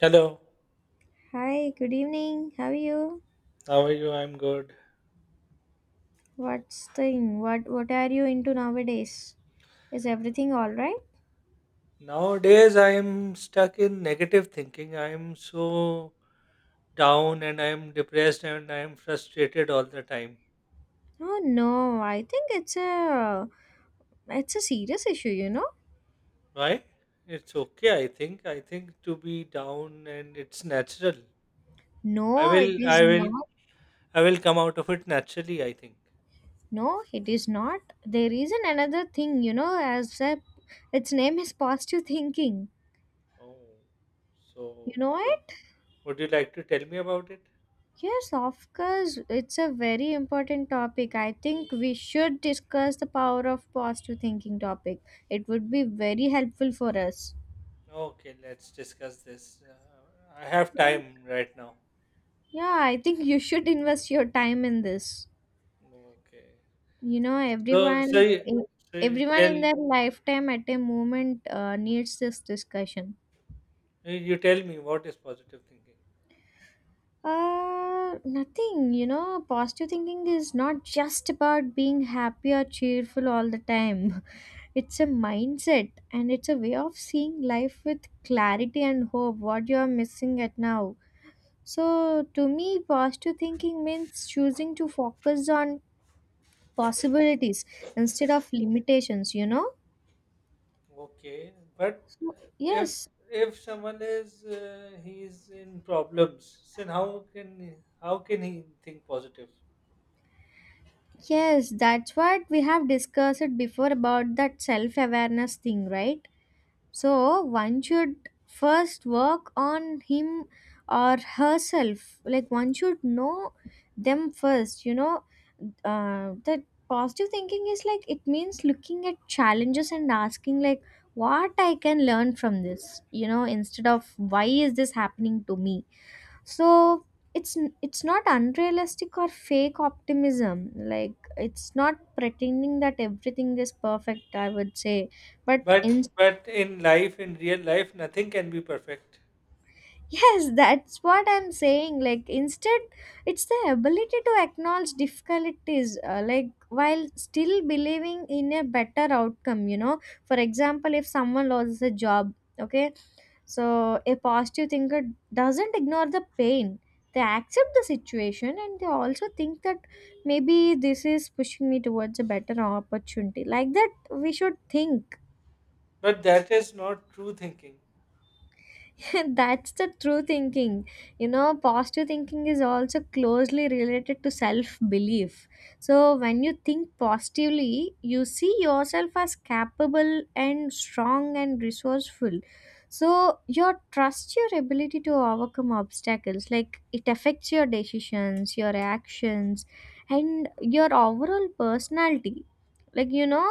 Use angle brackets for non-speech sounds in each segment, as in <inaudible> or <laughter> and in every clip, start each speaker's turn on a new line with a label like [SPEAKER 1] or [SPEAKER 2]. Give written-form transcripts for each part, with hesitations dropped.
[SPEAKER 1] Hello,
[SPEAKER 2] Hi, good evening. How are you?
[SPEAKER 1] how are you? I'm good.
[SPEAKER 2] What's thing? What are you into nowadays? Is everything all right?
[SPEAKER 1] Nowadays, I'm stuck in negative thinking. I'm so down and I'm depressed and I'm frustrated all the time.
[SPEAKER 2] Oh no, I think it's a serious issue, you know?
[SPEAKER 1] Why? It's okay, I think. I think to be down and it's natural. I
[SPEAKER 2] No, it
[SPEAKER 1] will,
[SPEAKER 2] is
[SPEAKER 1] I will,
[SPEAKER 2] not.
[SPEAKER 1] I will come out of it naturally, I think.
[SPEAKER 2] No, it is not. There is an another thing, you know, as a its name is positive thinking.
[SPEAKER 1] Oh,
[SPEAKER 2] You
[SPEAKER 1] so
[SPEAKER 2] know
[SPEAKER 1] would,
[SPEAKER 2] it?
[SPEAKER 1] would you like to tell me about it?
[SPEAKER 2] Yes, of course. It's a very important topic. I think we should discuss the power of positive thinking topic. It would be very helpful for us.
[SPEAKER 1] Okay, let's discuss this. I have time right now.
[SPEAKER 2] Yeah, I think you should invest your time in this.
[SPEAKER 1] Okay.
[SPEAKER 2] You know,
[SPEAKER 1] So so you
[SPEAKER 2] in-
[SPEAKER 1] so you
[SPEAKER 2] everyone
[SPEAKER 1] tell
[SPEAKER 2] in their lifetime at a moment needs this discussion.
[SPEAKER 1] you tell me what is positive thinking?
[SPEAKER 2] Nothing, you know, positive thinking is not just about being happy or cheerful all the time. <laughs> It's a mindset and it's a way of seeing life with clarity and hope, what you are missing at now. So, to me, positive thinking means choosing to focus on possibilities instead of limitations, you know.
[SPEAKER 1] Okay, but
[SPEAKER 2] so
[SPEAKER 1] if
[SPEAKER 2] yes
[SPEAKER 1] if someone is he's in problems, then how can he think positive?
[SPEAKER 2] yes that's what we have discussed it before about that self awareness thing, right? So one should first work on him or herself. Like, one should know them first, you know, that positive thinking is like it means looking at challenges and asking like what I can learn from this, you know, instead of why is this happening to me. So it's it's not unrealistic or fake optimism. Like, it's not pretending that everything is perfect, I would say, but
[SPEAKER 1] But
[SPEAKER 2] in.
[SPEAKER 1] but in life, in real life, nothing can be perfect.
[SPEAKER 2] Yes, that's what I'm saying. Like, instead, it's the ability to acknowledge difficulties, like, while still believing in a better outcome, you know. For example, if someone loses a job, okay, so a positive thinker doesn't ignore the pain. They accept the situation and they also think that maybe this is pushing me towards a better opportunity. Like that, we should think.
[SPEAKER 1] But that is not true thinking.
[SPEAKER 2] <laughs> That's the true thinking. You know, positive thinking is also closely related to self belief. So, when you think positively, you see yourself as capable and strong and resourceful. So, you trust your ability to overcome obstacles. Like, it affects your decisions, your actions, and your overall personality. Like, you know,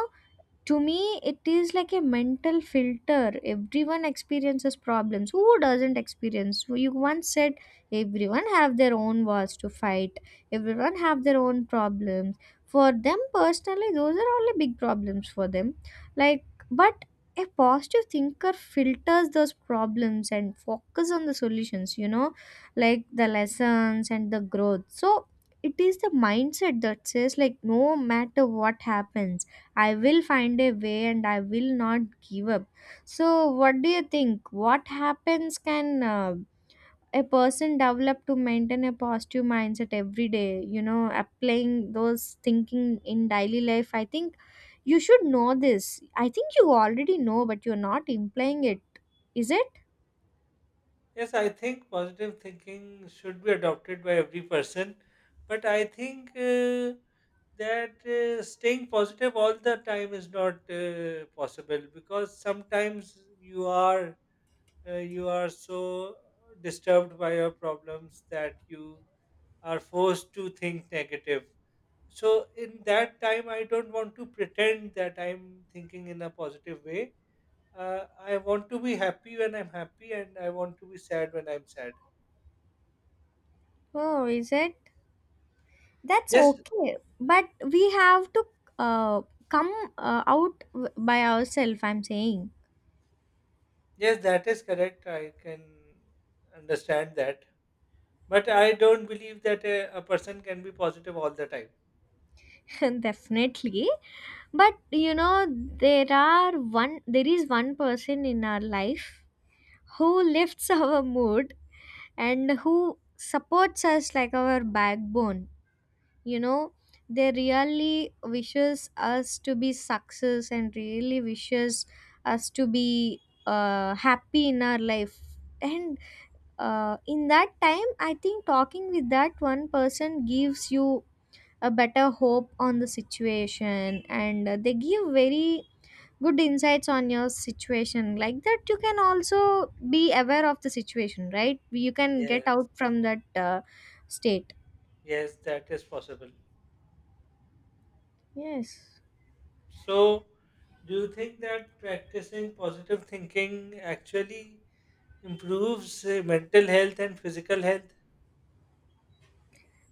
[SPEAKER 2] to me it is like a mental filter. Everyone experiences problems. Who doesn't experience? You once said everyone have their own wars to fight, everyone have their own problems, for them personally those are only big problems for them. Like, but a positive thinker filters those problems and focus on the solutions, you know, like the lessons and the growth. So it is the mindset that says like no matter what happens, I will find a way and I will not give up. So, what do you think? What happens can a person develop to maintain a positive mindset every day? You know, applying those thinking in daily life. I think you should know this. I think you already know, but you're not implying it. Is it?
[SPEAKER 1] Yes, I think positive thinking should be adopted by every person, but I think that staying positive all the time is not possible, because sometimes you are so disturbed by your problems that you are forced to think negative. So in that time, I don't want to pretend that I'm thinking in a positive way. I want to be happy when I'm happy, and I want to be sad when I'm sad.
[SPEAKER 2] Oh, is it? That's
[SPEAKER 1] Yes,
[SPEAKER 2] okay. But we have to uh, come by ourselves, I'm saying.
[SPEAKER 1] yes, that is correct. I can understand that. But I don't believe that a person can be positive all the time.
[SPEAKER 2] <laughs> Definitely, but you know, there is one person in our life who lifts <laughs> our mood and who supports us like our backbone, you know. They really wishes us to be success and really wishes us to be happy in our life, and in that time I think talking with that one person gives you a better hope on the situation, and they give very good insights on your situation, like that you can also be aware of the situation, right? You can
[SPEAKER 1] Yeah,
[SPEAKER 2] get out from that state.
[SPEAKER 1] yes, that is possible.
[SPEAKER 2] Yes.
[SPEAKER 1] So, do you think that practicing positive thinking actually improves mental health and physical health?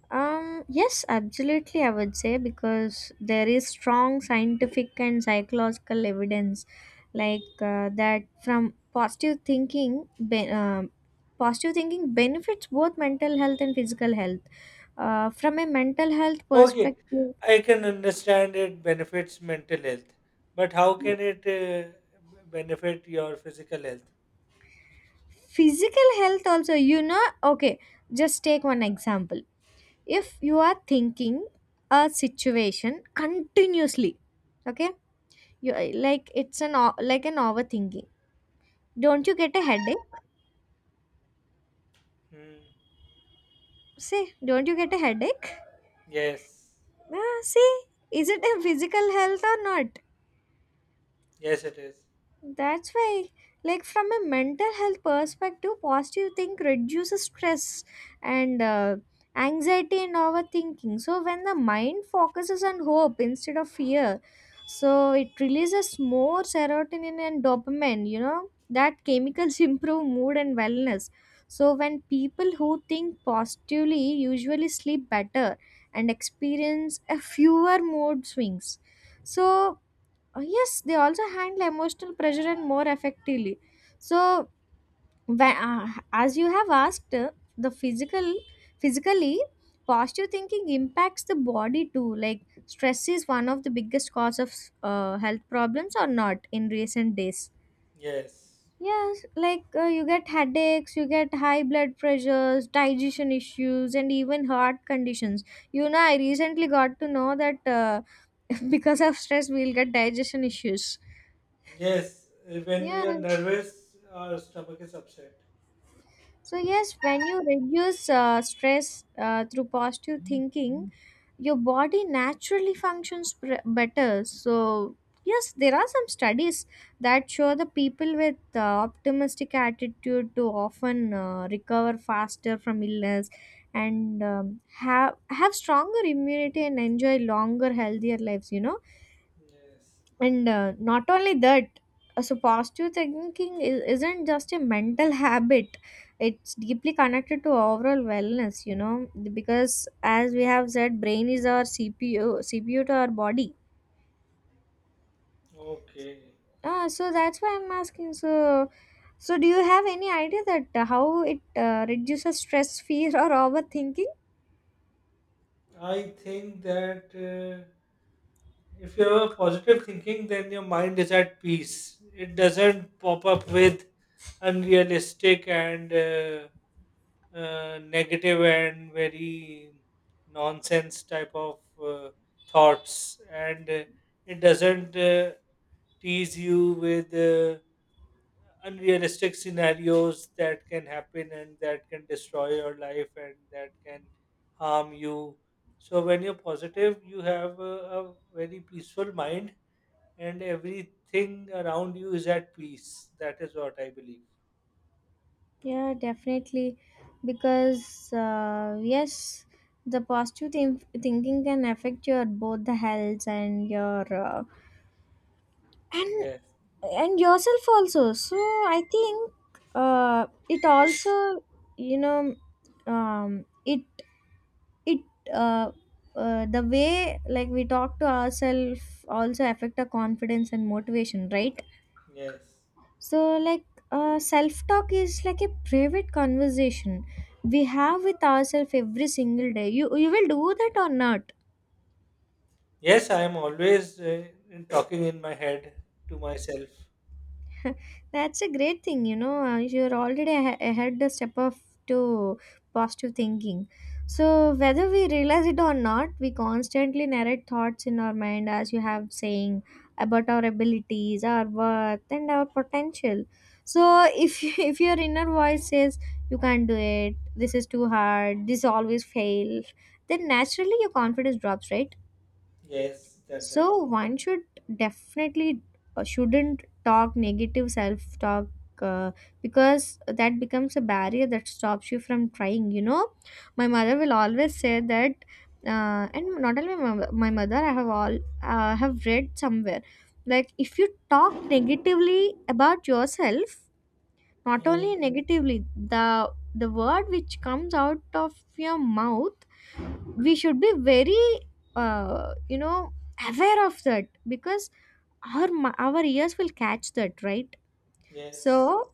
[SPEAKER 2] Yes, absolutely, I would say, because there is strong scientific and psychological evidence, like that from positive thinking, be- positive thinking benefits both mental health and physical health. From a mental health
[SPEAKER 1] Okay,
[SPEAKER 2] perspective,
[SPEAKER 1] I can understand it benefits mental health, but how can it benefit your physical health?
[SPEAKER 2] physical health also, you know, okay, just take one example. If you are thinking a situation continuously, okay, you like an overthinking. Don't you get a headache?
[SPEAKER 1] Hmm.
[SPEAKER 2] Say, don't you get a headache?
[SPEAKER 1] Yes,
[SPEAKER 2] Ah, see, is it a physical health or not?
[SPEAKER 1] yes, it is.
[SPEAKER 2] That's why, like from a mental health perspective, positive think reduces stress and anxiety and overthinking. So when the mind focuses on hope instead of fear, so it releases more serotonin and dopamine. You know that chemicals <laughs> improve mood and wellness. So when people who think positively usually sleep better and experience a fewer mood swings. So yes, they also handle emotional pressure and more effectively. So, wh- uh, as you have asked, the physical, physically, positive thinking impacts the body too. Like, stress is one of the biggest cause of health problems or not in recent days.
[SPEAKER 1] Yes.
[SPEAKER 2] Yes, like you get headaches, you get high blood pressures, digestion issues, and even heart conditions. You know, I recently got to know that <laughs> because of stress, we'll get digestion issues.
[SPEAKER 1] Yes. When we
[SPEAKER 2] Yeah,
[SPEAKER 1] are nervous, our stomach is upset.
[SPEAKER 2] so, yes, when you reduce stress through positive thinking, your body naturally functions better. So, yes, there are some studies that show the people with optimistic attitude to often recover faster from illness and have stronger immunity and enjoy longer healthier lives, you know.
[SPEAKER 1] Yes.
[SPEAKER 2] And not only that, so positive thinking isn't just a mental habit, it's deeply connected to overall wellness, you know, because as we have said, brain is our CPU, CPU to our body.
[SPEAKER 1] Okay.
[SPEAKER 2] Ah, so that's why I'm asking. So, so do you have any idea that how it reduces stress, <laughs> fear, or overthinking?
[SPEAKER 1] I think that if you have a positive thinking, then your mind is at peace. It doesn't pop up with unrealistic and negative and very nonsense type of thoughts, and it doesn't tease you with. Unrealistic scenarios that can happen and that can destroy your life and that can harm you. So when you're positive, you have a very peaceful mind, and everything around you is at peace. That is what I believe.
[SPEAKER 2] Yeah, definitely. Because, yes, the thinking can affect your both the health and your and
[SPEAKER 1] Yes,
[SPEAKER 2] and yourself also. So I think it also, you know, it it uh, the way like we talk to ourselves also affect our confidence and motivation, right?
[SPEAKER 1] yes.
[SPEAKER 2] So like, self talk is like a private conversation we have with ourselves every single day. You will do that or not?
[SPEAKER 1] Yes, I am always talking in my head to myself.
[SPEAKER 2] <laughs> That's a great thing, you know. You're already ahead a step of to positive thinking. So whether we realize it or not, we constantly narrate thoughts in our mind, as you have saying, about our abilities, our worth, and our potential. So if <laughs> if your inner voice says you can't do it, this is too hard, this always fails, then naturally your confidence drops, right?
[SPEAKER 1] Yes, that
[SPEAKER 2] So
[SPEAKER 1] does.
[SPEAKER 2] one should definitely shouldn't talk negative self talk, uh, because that becomes a barrier that stops you from trying. You know, my mother will always say that, and not only my, my mother, I have all have read somewhere like if you talk negatively about yourself, not
[SPEAKER 1] Mm,
[SPEAKER 2] only negatively, the word which comes out of your mouth, we should be very you know aware of that, because our our ears will catch that, right?
[SPEAKER 1] yes.
[SPEAKER 2] So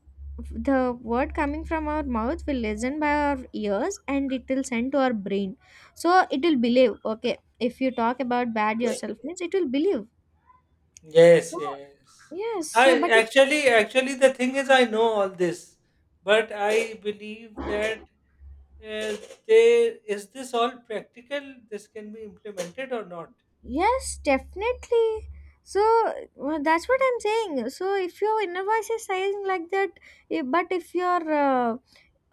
[SPEAKER 2] the word coming from our mouth will listen by our ears and it will send to our brain. So it will believe, okay, if you talk about bad yourself means it will believe.
[SPEAKER 1] Yes,
[SPEAKER 2] So
[SPEAKER 1] yes.
[SPEAKER 2] yes, so
[SPEAKER 1] I
[SPEAKER 2] but if,
[SPEAKER 1] actually, the thing is, I know all this, but I believe that uh, they is this all practical? This can be implemented or not?
[SPEAKER 2] yes, definitely. So that's what I'm saying, so if your inner voice is saying like that, eh, but if your uh,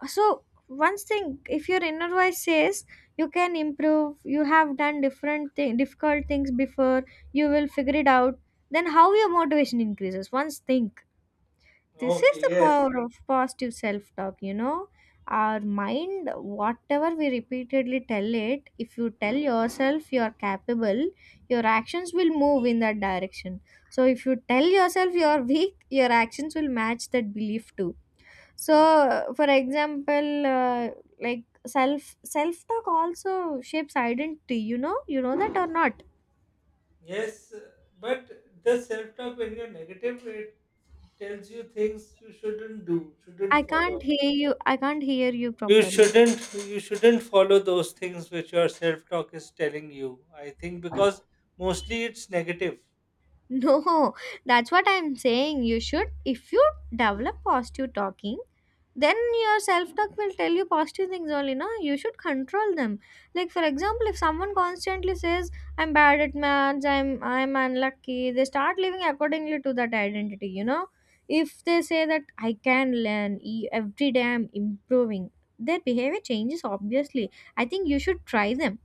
[SPEAKER 2] so one thing if your inner voice says you can improve, you have done different thing difficult things before, you will figure it out, then how your motivation increases, once think. This is
[SPEAKER 1] Okay.
[SPEAKER 2] the
[SPEAKER 1] Yes.
[SPEAKER 2] power of positive self talk, you know. Our mind, whatever we repeatedly tell it, if you tell yourself you are capable, your actions will move in that direction. So if you tell yourself you are weak, your actions will match that belief too. So, for example, like self talk also shapes identity, you know. You know that or not?
[SPEAKER 1] Yes, but the self-talk when you're negative, it tells you things you shouldn't do,
[SPEAKER 2] I
[SPEAKER 1] shouldn't
[SPEAKER 2] can't
[SPEAKER 1] follow.
[SPEAKER 2] hear you, I can't hear you
[SPEAKER 1] You
[SPEAKER 2] properly.
[SPEAKER 1] shouldn't, you shouldn't follow those things which your self-talk is telling you. I think because mostly it's negative.
[SPEAKER 2] No, that's what I'm saying. You should, if you develop positive talking, then your self talk will tell you positive things only. No, you should control them. Like for example, if someone constantly says, "I'm bad at maths," "I'm unlucky," they start living accordingly to that identity. You know, if they say that I can learn every day, I'm improving. Their behavior changes obviously. I think you should try them.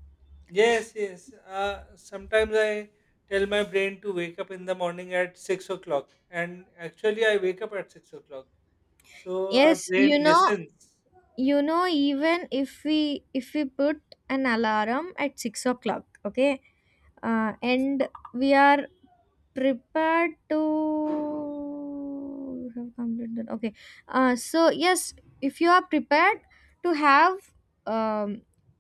[SPEAKER 1] Yes, yes. Sometimes I tell my brain to wake up in the morning at 6 o'clock, and actually, I wake up at 6 o'clock. So our
[SPEAKER 2] Yes,
[SPEAKER 1] brain listens.
[SPEAKER 2] you know even if we put an alarm at 6 o'clock, okay, and we are prepared to, you have completed, okay, so yes, if you are prepared to have um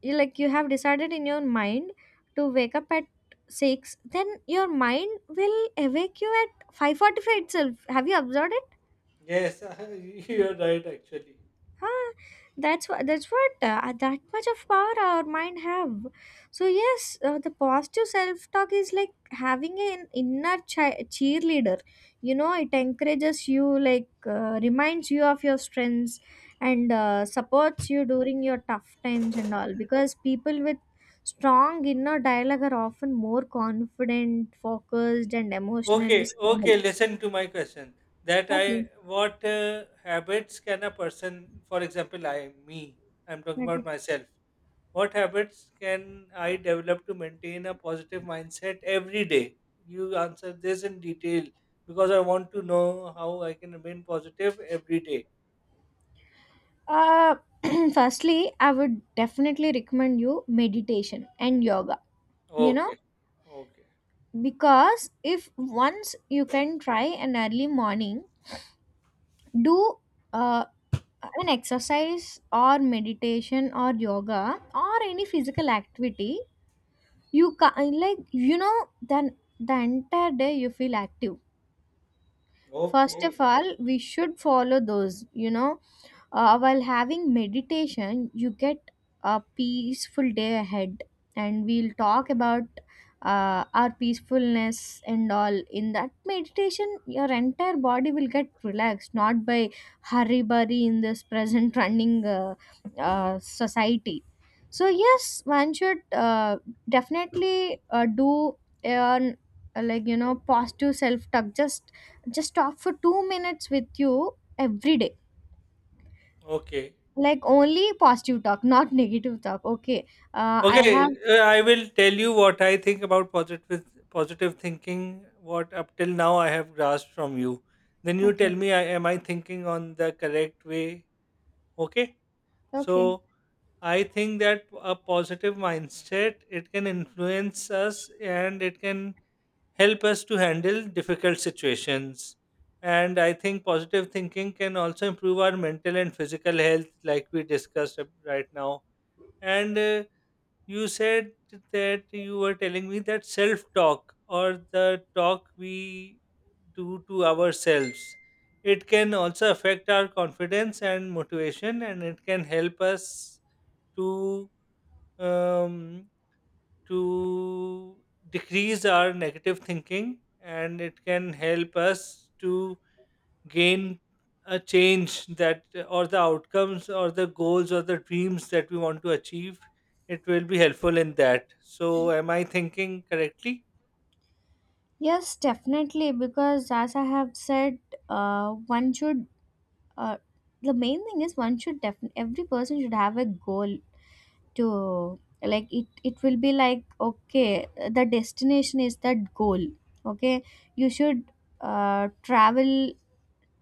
[SPEAKER 2] you like you have decided in your mind to wake up at 6, then your mind will awake you at 5:45 itself, have you observed?
[SPEAKER 1] Yes, <laughs> you're right. Actually,
[SPEAKER 2] Huh? That much of power our mind have. So yes, the positive self talk is like having an inner cheerleader. You know, it encourages you, like reminds you of your strengths, and supports you during your tough times and all. Because people with strong inner dialogue are often more confident, focused, and emotionally
[SPEAKER 1] okay,
[SPEAKER 2] stable.
[SPEAKER 1] okay. Listen to my question. That I,
[SPEAKER 2] Okay,
[SPEAKER 1] what uh, habits can a person, for example, I, me, I'm talking
[SPEAKER 2] okay.
[SPEAKER 1] about myself. What habits can I develop to maintain a positive mindset every day? You answer this in detail, because I want to know how I can remain positive every day.
[SPEAKER 2] Uh, <clears throat> firstly, I would definitely recommend you meditation and yoga. You know,
[SPEAKER 1] Okay. Okay.
[SPEAKER 2] because if once you can try an early morning, do uh, an exercise or meditation or yoga or any physical activity, you can like you know then the entire day you feel active. First of
[SPEAKER 1] Okay.
[SPEAKER 2] all, we should follow those. You know, while having meditation you get a peaceful day ahead and we'll talk about our peacefulness and all in that meditation your entire body will get relaxed, not by hurry burry in this <laughs> present running society. So yes, one should definitely do an like you know positive self talk, just talk for 2 minutes with you every day,
[SPEAKER 1] Okay.
[SPEAKER 2] like only positive talk, not <laughs> negative talk. Okay. I
[SPEAKER 1] Okay.
[SPEAKER 2] have.
[SPEAKER 1] I will tell you what I think about positive thinking. What up till now I have grasped from you. Then you tell
[SPEAKER 2] Okay.
[SPEAKER 1] me, am I thinking on the correct way? Okay.
[SPEAKER 2] Okay.
[SPEAKER 1] So I think that a positive mindset, it can influence us and it can help us to handle difficult situations. And I think positive thinking can also improve our mental and physical health, like we discussed right now. And you said that you were telling me that self talk, or the talk we do to ourselves, it can also affect our confidence and motivation, and it can help us to um, to decrease our negative thinking, and it can help us to gain a change that, or the outcomes or the goals or the dreams that we want to achieve, it will be helpful in that. So am I thinking correctly?
[SPEAKER 2] Yes, definitely. Because as I have said, one should. Uh, the main thing is one should definitely. Every person should have a goal to like it. It will be like okay, the destination is that goal. Okay, you should travel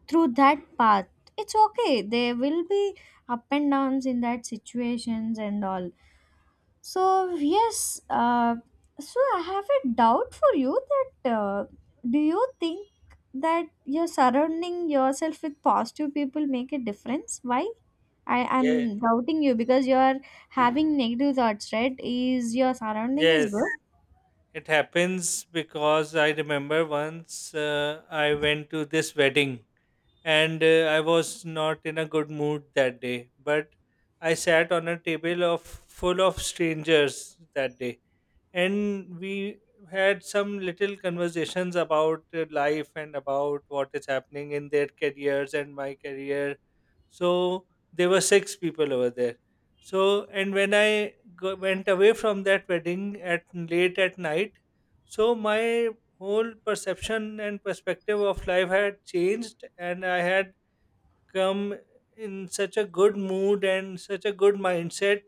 [SPEAKER 2] through that path. It's okay. There will be up and downs in that situations and all. So, yes, so I have a doubt for you that do you think that you're surrounding yourself with positive people make a difference? Why? I,
[SPEAKER 1] Yeah,
[SPEAKER 2] I'm doubting you because you're having negative thoughts, right? Is your surrounding is good?
[SPEAKER 1] yes, it happens because I remember once I went to this wedding, and I was not in a good mood that day. But I sat on a table of full of strangers that day, and we had some little conversations about life and about what is happening in their careers and my career. So there were six people over there. So and when I went away from that wedding at late at night, so my whole perception and perspective of life had changed, and I had come in such a good mood and such a good mindset,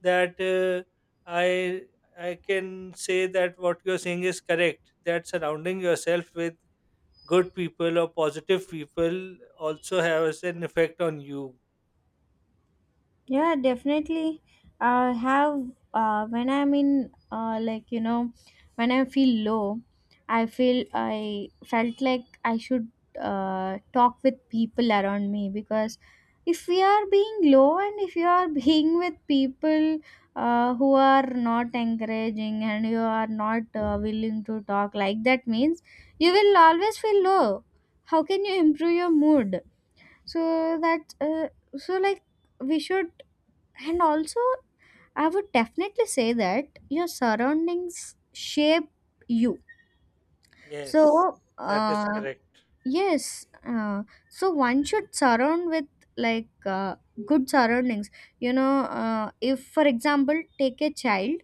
[SPEAKER 1] that I I can say that what you're saying is correct. That surrounding yourself with good people or positive people also has an effect on you.
[SPEAKER 2] Yeah, definitely. I have when I'm in like you know when I feel low, I felt like I should talk with people around me, because if we are being low and if you are <laughs> being with people who are not encouraging and you are not willing to talk like that means you will always feel low. How can you improve your mood? So that so like we should, and also, I would definitely say that your surroundings shape you.
[SPEAKER 1] Yes,
[SPEAKER 2] So,
[SPEAKER 1] that is correct.
[SPEAKER 2] yes, so one should surround with like good surroundings. You know, if for example, take a child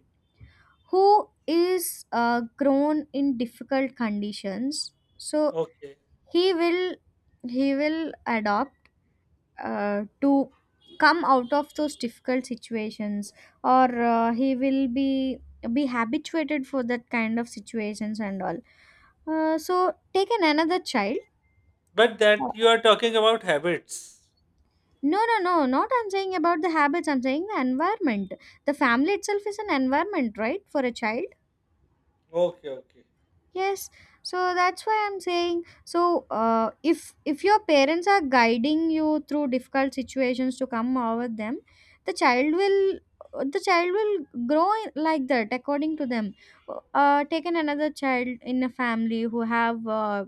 [SPEAKER 2] who is grown in difficult conditions, so
[SPEAKER 1] Okay,
[SPEAKER 2] he will he will adopt to come out of those difficult situations, or he will be habituated for that kind of situations and all. So take an another child.
[SPEAKER 1] but
[SPEAKER 2] Uh,
[SPEAKER 1] that you are talking about habits.
[SPEAKER 2] no, not I'm saying about the habits, I'm saying the environment, the family itself is an environment right for a child.
[SPEAKER 1] Okay, okay.
[SPEAKER 2] Yes, so that's why I'm saying so if your parents are guiding you through difficult situations to come over them, the child will the child will grow like that according to them. Taken another child in a family who have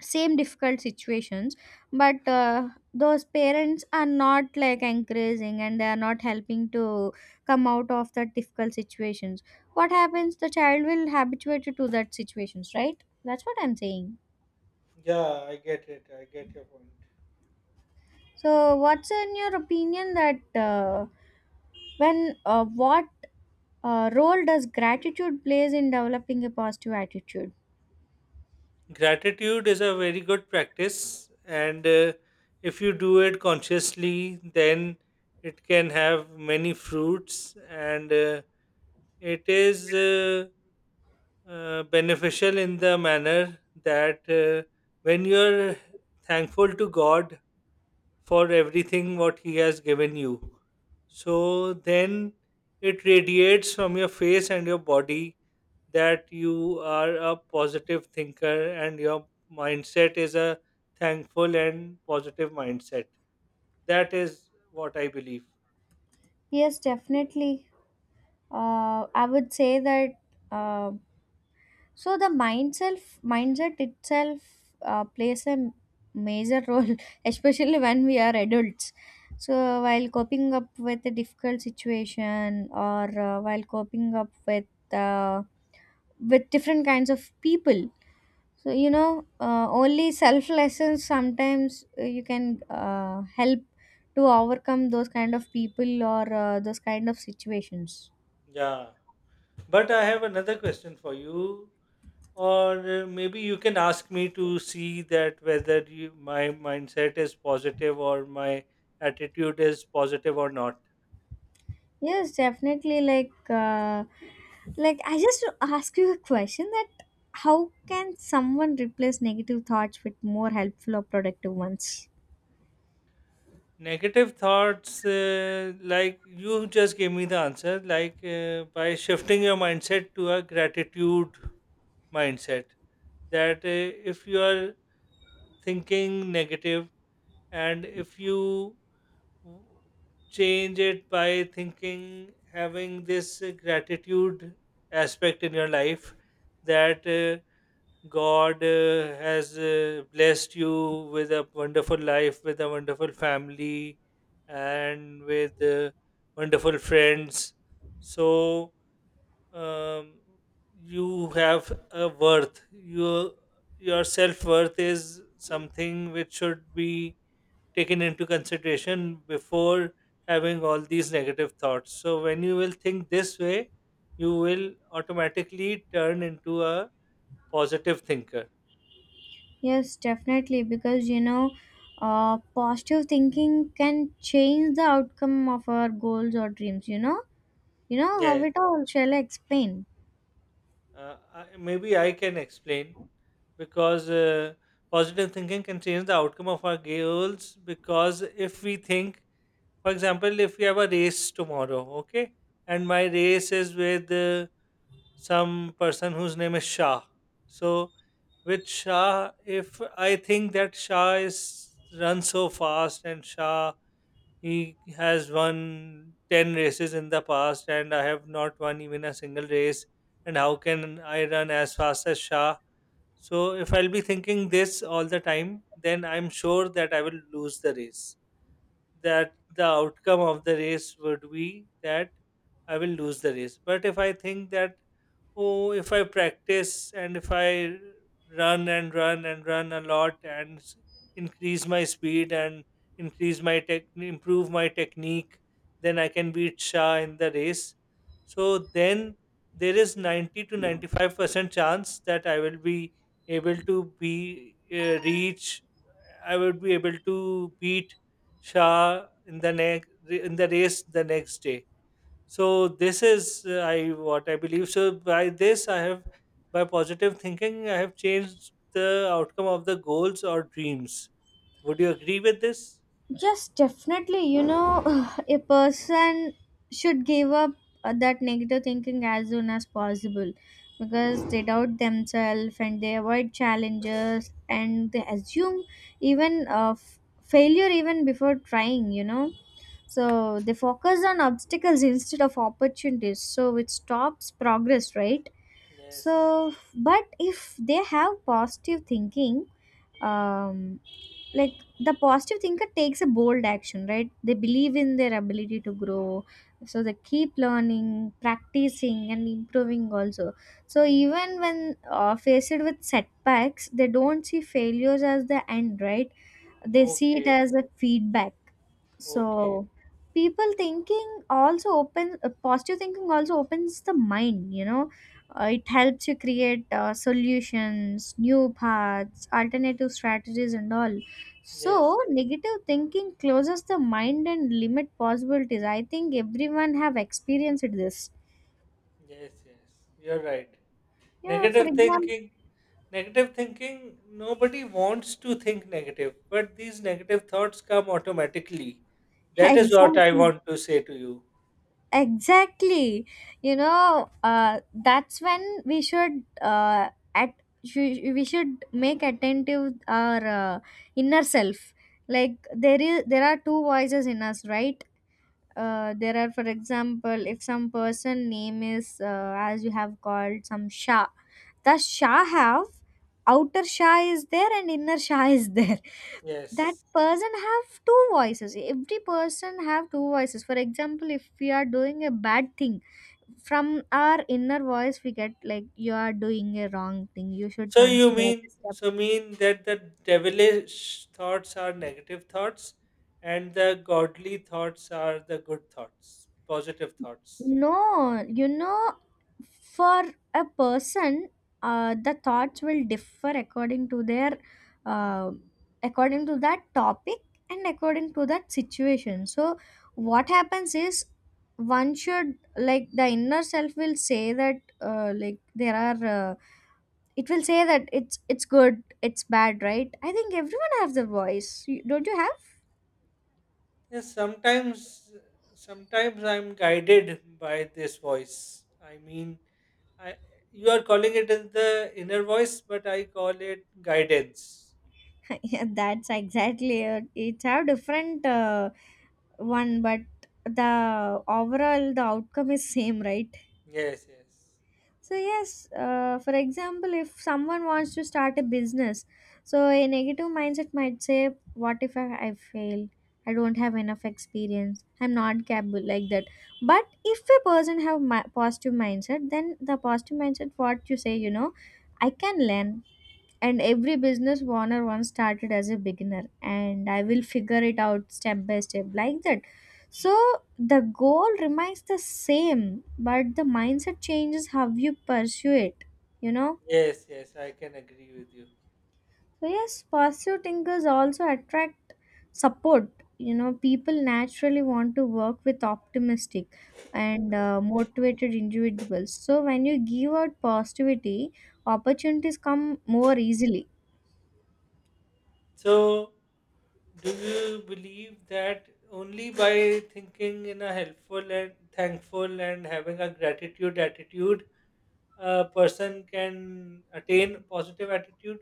[SPEAKER 2] same difficult situations, but those parents are not like encouraging and they are not helping to come out of that difficult situations. What happens, the child will habituate to that situations, right? That's what I'm saying.
[SPEAKER 1] Yeah, I get it. I get your point.
[SPEAKER 2] So what's in your opinion that when what role does gratitude plays in developing a positive attitude?
[SPEAKER 1] Gratitude is a very good practice, and if you do it consciously, then it can have many fruits, and it is beneficial in the manner that when you are thankful to God for everything what he has given you. So then it radiates from your face and your body that you are a positive thinker and your mindset is a thankful and positive mindset. That is what I believe.
[SPEAKER 2] Yes definitely, I would say that um, mindset itself plays a major role, <laughs> especially when we are adults. So while coping up with a difficult situation, or while coping up uh, with different kinds of people. So you know, only self lessons sometimes you can help to overcome those kind of people or those kind of situations.
[SPEAKER 1] Yeah. But I have another question for you. Or maybe you can ask me to see that whether you, my mindset is positive or my attitude is positive or not.
[SPEAKER 2] Yes, definitely. Like I just to ask you a question that how can someone replace negative thoughts with more helpful or productive ones?
[SPEAKER 1] Negative thoughts, like you just gave me the answer, like by shifting your mindset to a gratitude mindset. That if you are thinking negative, and if you w- change it by thinking, having this gratitude aspect in your life, that God has blessed you with a wonderful life, with a wonderful family, and with wonderful friends. So um, you have a worth. Your self worth is something which should be taken into consideration before having all these negative thoughts. So when you will think this way, you will automatically turn into a positive thinker.
[SPEAKER 2] Yes, definitely. Because you know, positive thinking can change the outcome of our goals or dreams. You know how
[SPEAKER 1] Yeah,
[SPEAKER 2] it all shall I explain.
[SPEAKER 1] Maybe I can explain, because positive thinking can change the outcome of our goals. Because if we think, for example, if we have a race tomorrow, okay, and my race is with some person whose name is Shah. So, with Shah, if I think that Shah is runs so fast, and Shah, he has won 10 races in the past, and I have not won even a single race. And how can I run as fast as Shah? So, if I'll be thinking this all the time, then I'm sure that I will lose the race, that the outcome of the race would be that I will lose the race. But if I think that, oh, if I practice, and if I run and run and run a lot, and increase my speed, and improve my technique, then I can beat Shah in the race. So then there is 90 to 95% chance that able to be uh, reach I would be able to beat Shah in the race the next day. So this is I what I believe. So by this, I have by positive thinking I have changed the outcome of the goals or dreams. Would you agree with this?
[SPEAKER 2] Yes, definitely. You know, <sighs> a person should give up that negative thinking as soon as possible, because they doubt themselves and they avoid challenges and they assume even failure even before trying, you know. So they focus on obstacles instead of opportunities, so it stops progress, right?
[SPEAKER 1] Yes.
[SPEAKER 2] So, but if they have positive thinking, um, like the positive thinker takes a bold action, right? They believe in their ability to grow, so they keep learning, practicing and improving also. So even when faced with setbacks, they don't see failures as the end, right? They see it
[SPEAKER 1] Okay.
[SPEAKER 2] as a feedback.
[SPEAKER 1] Okay.
[SPEAKER 2] So people thinking also open positive thinking also opens the mind, you know, it helps you create solutions, new paths, alternative strategies and all.
[SPEAKER 1] Yes.
[SPEAKER 2] So negative thinking closes the mind and limit possibilities. I think everyone have experienced this.
[SPEAKER 1] Yes. Yes. You're right.
[SPEAKER 2] Yeah, for
[SPEAKER 1] Negative
[SPEAKER 2] example.
[SPEAKER 1] thinking, negative thinking, nobody wants to think negative, but these negative thoughts come automatically.
[SPEAKER 2] <laughs>
[SPEAKER 1] That is what I
[SPEAKER 2] Exactly.
[SPEAKER 1] want to say to you.
[SPEAKER 2] Exactly. You know, that's when we should at we should make attentive our inner self, like there are two voices in us, right? There are, for example, if some person name is as you have called, some Shah. The Shah have, outer Shah is there and inner Shah is <laughs> there. That
[SPEAKER 1] Yes.
[SPEAKER 2] person have two voices. Every person have two voices. For example, if we are doing a bad thing, from our inner voice we get like you are doing a wrong thing, you should
[SPEAKER 1] So you
[SPEAKER 2] consider
[SPEAKER 1] mean
[SPEAKER 2] this.
[SPEAKER 1] so mean that the devilish thoughts are negative thoughts, and the godly thoughts are the good thoughts, positive thoughts.
[SPEAKER 2] No, you know, for a person, the thoughts will differ according to their, uh, according to that topic and according to that situation. So, what happens is one should like the inner self will say that like there are it will say that it's good it's bad, right? I think everyone has the voice. You- don't you have.
[SPEAKER 1] Yes, sometimes I'm guided by this voice. I mean, I you are calling it as the inner voice, but I call it guidance.
[SPEAKER 2] <laughs> Yeah, that's exactly it. It's have different one, but the overall the outcome is same, right?
[SPEAKER 1] Yes, yes.
[SPEAKER 2] So yes, for example, if someone wants to start a business, so a negative mindset might say, "What if I fail? I don't have enough experience. I'm not capable like that." But if a person have positive mindset, then the positive mindset, what you say, you know, I can learn, and every business owner once started as a beginner, and I will figure it out step by step like that. So the goal remains the same, but the mindset changes how you pursue it, you know.
[SPEAKER 1] Yes, yes, I can agree with you.
[SPEAKER 2] So yes, positive thinkers also attract support, you know. People naturally want to work with optimistic and motivated individuals, so when you give out positivity, opportunities come more easily.
[SPEAKER 1] So, do you believe that only by thinking in a helpful and thankful and having a gratitude attitude, a person can attain positive attitude?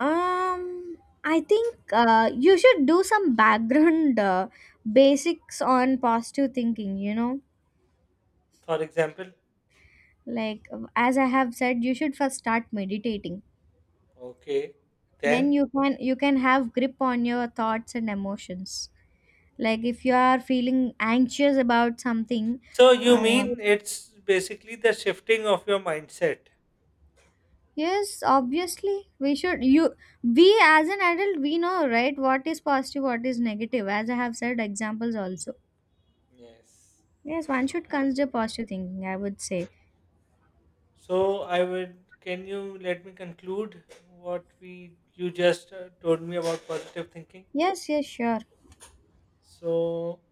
[SPEAKER 2] Um, I think you should do some background basics on positive thinking, you know?
[SPEAKER 1] For example,
[SPEAKER 2] Like as I have said, you should first start meditating.
[SPEAKER 1] okay,
[SPEAKER 2] Then
[SPEAKER 1] then
[SPEAKER 2] you can have grip on your thoughts and emotions. Like if you are feeling anxious about something,
[SPEAKER 1] so you
[SPEAKER 2] uh,
[SPEAKER 1] mean it's basically the shifting of your mindset.
[SPEAKER 2] yes, obviously we should you we as an adult we know right what is positive, what is negative. As I have said examples also.
[SPEAKER 1] Yes.
[SPEAKER 2] Yes, one should consider positive thinking, I would say.
[SPEAKER 1] So I would. Can you let me conclude what we you just told me about positive thinking?
[SPEAKER 2] Yes, yes, sure.
[SPEAKER 1] So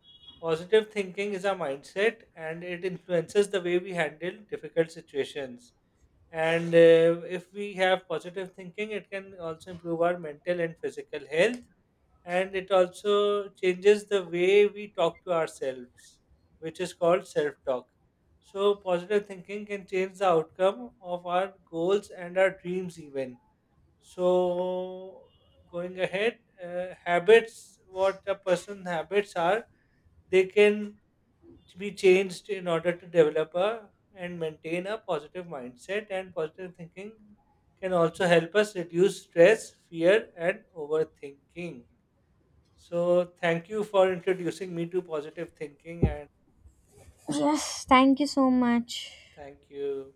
[SPEAKER 1] positive thinking is a mindset, and it influences the way we handle difficult situations. And if we have positive thinking, it can also improve our mental and physical health. And it also changes the way we talk to ourselves, which is called self talk. So, positive thinking can change the outcome of our goals and our dreams, even. So, going ahead, habits, what a person's habits are, they can be changed in order to develop a and maintain a positive mindset, and positive thinking can also help us reduce stress, fear, and overthinking. So, thank you for introducing me to positive thinking, and
[SPEAKER 2] Yes, thank you so much.
[SPEAKER 1] thank you.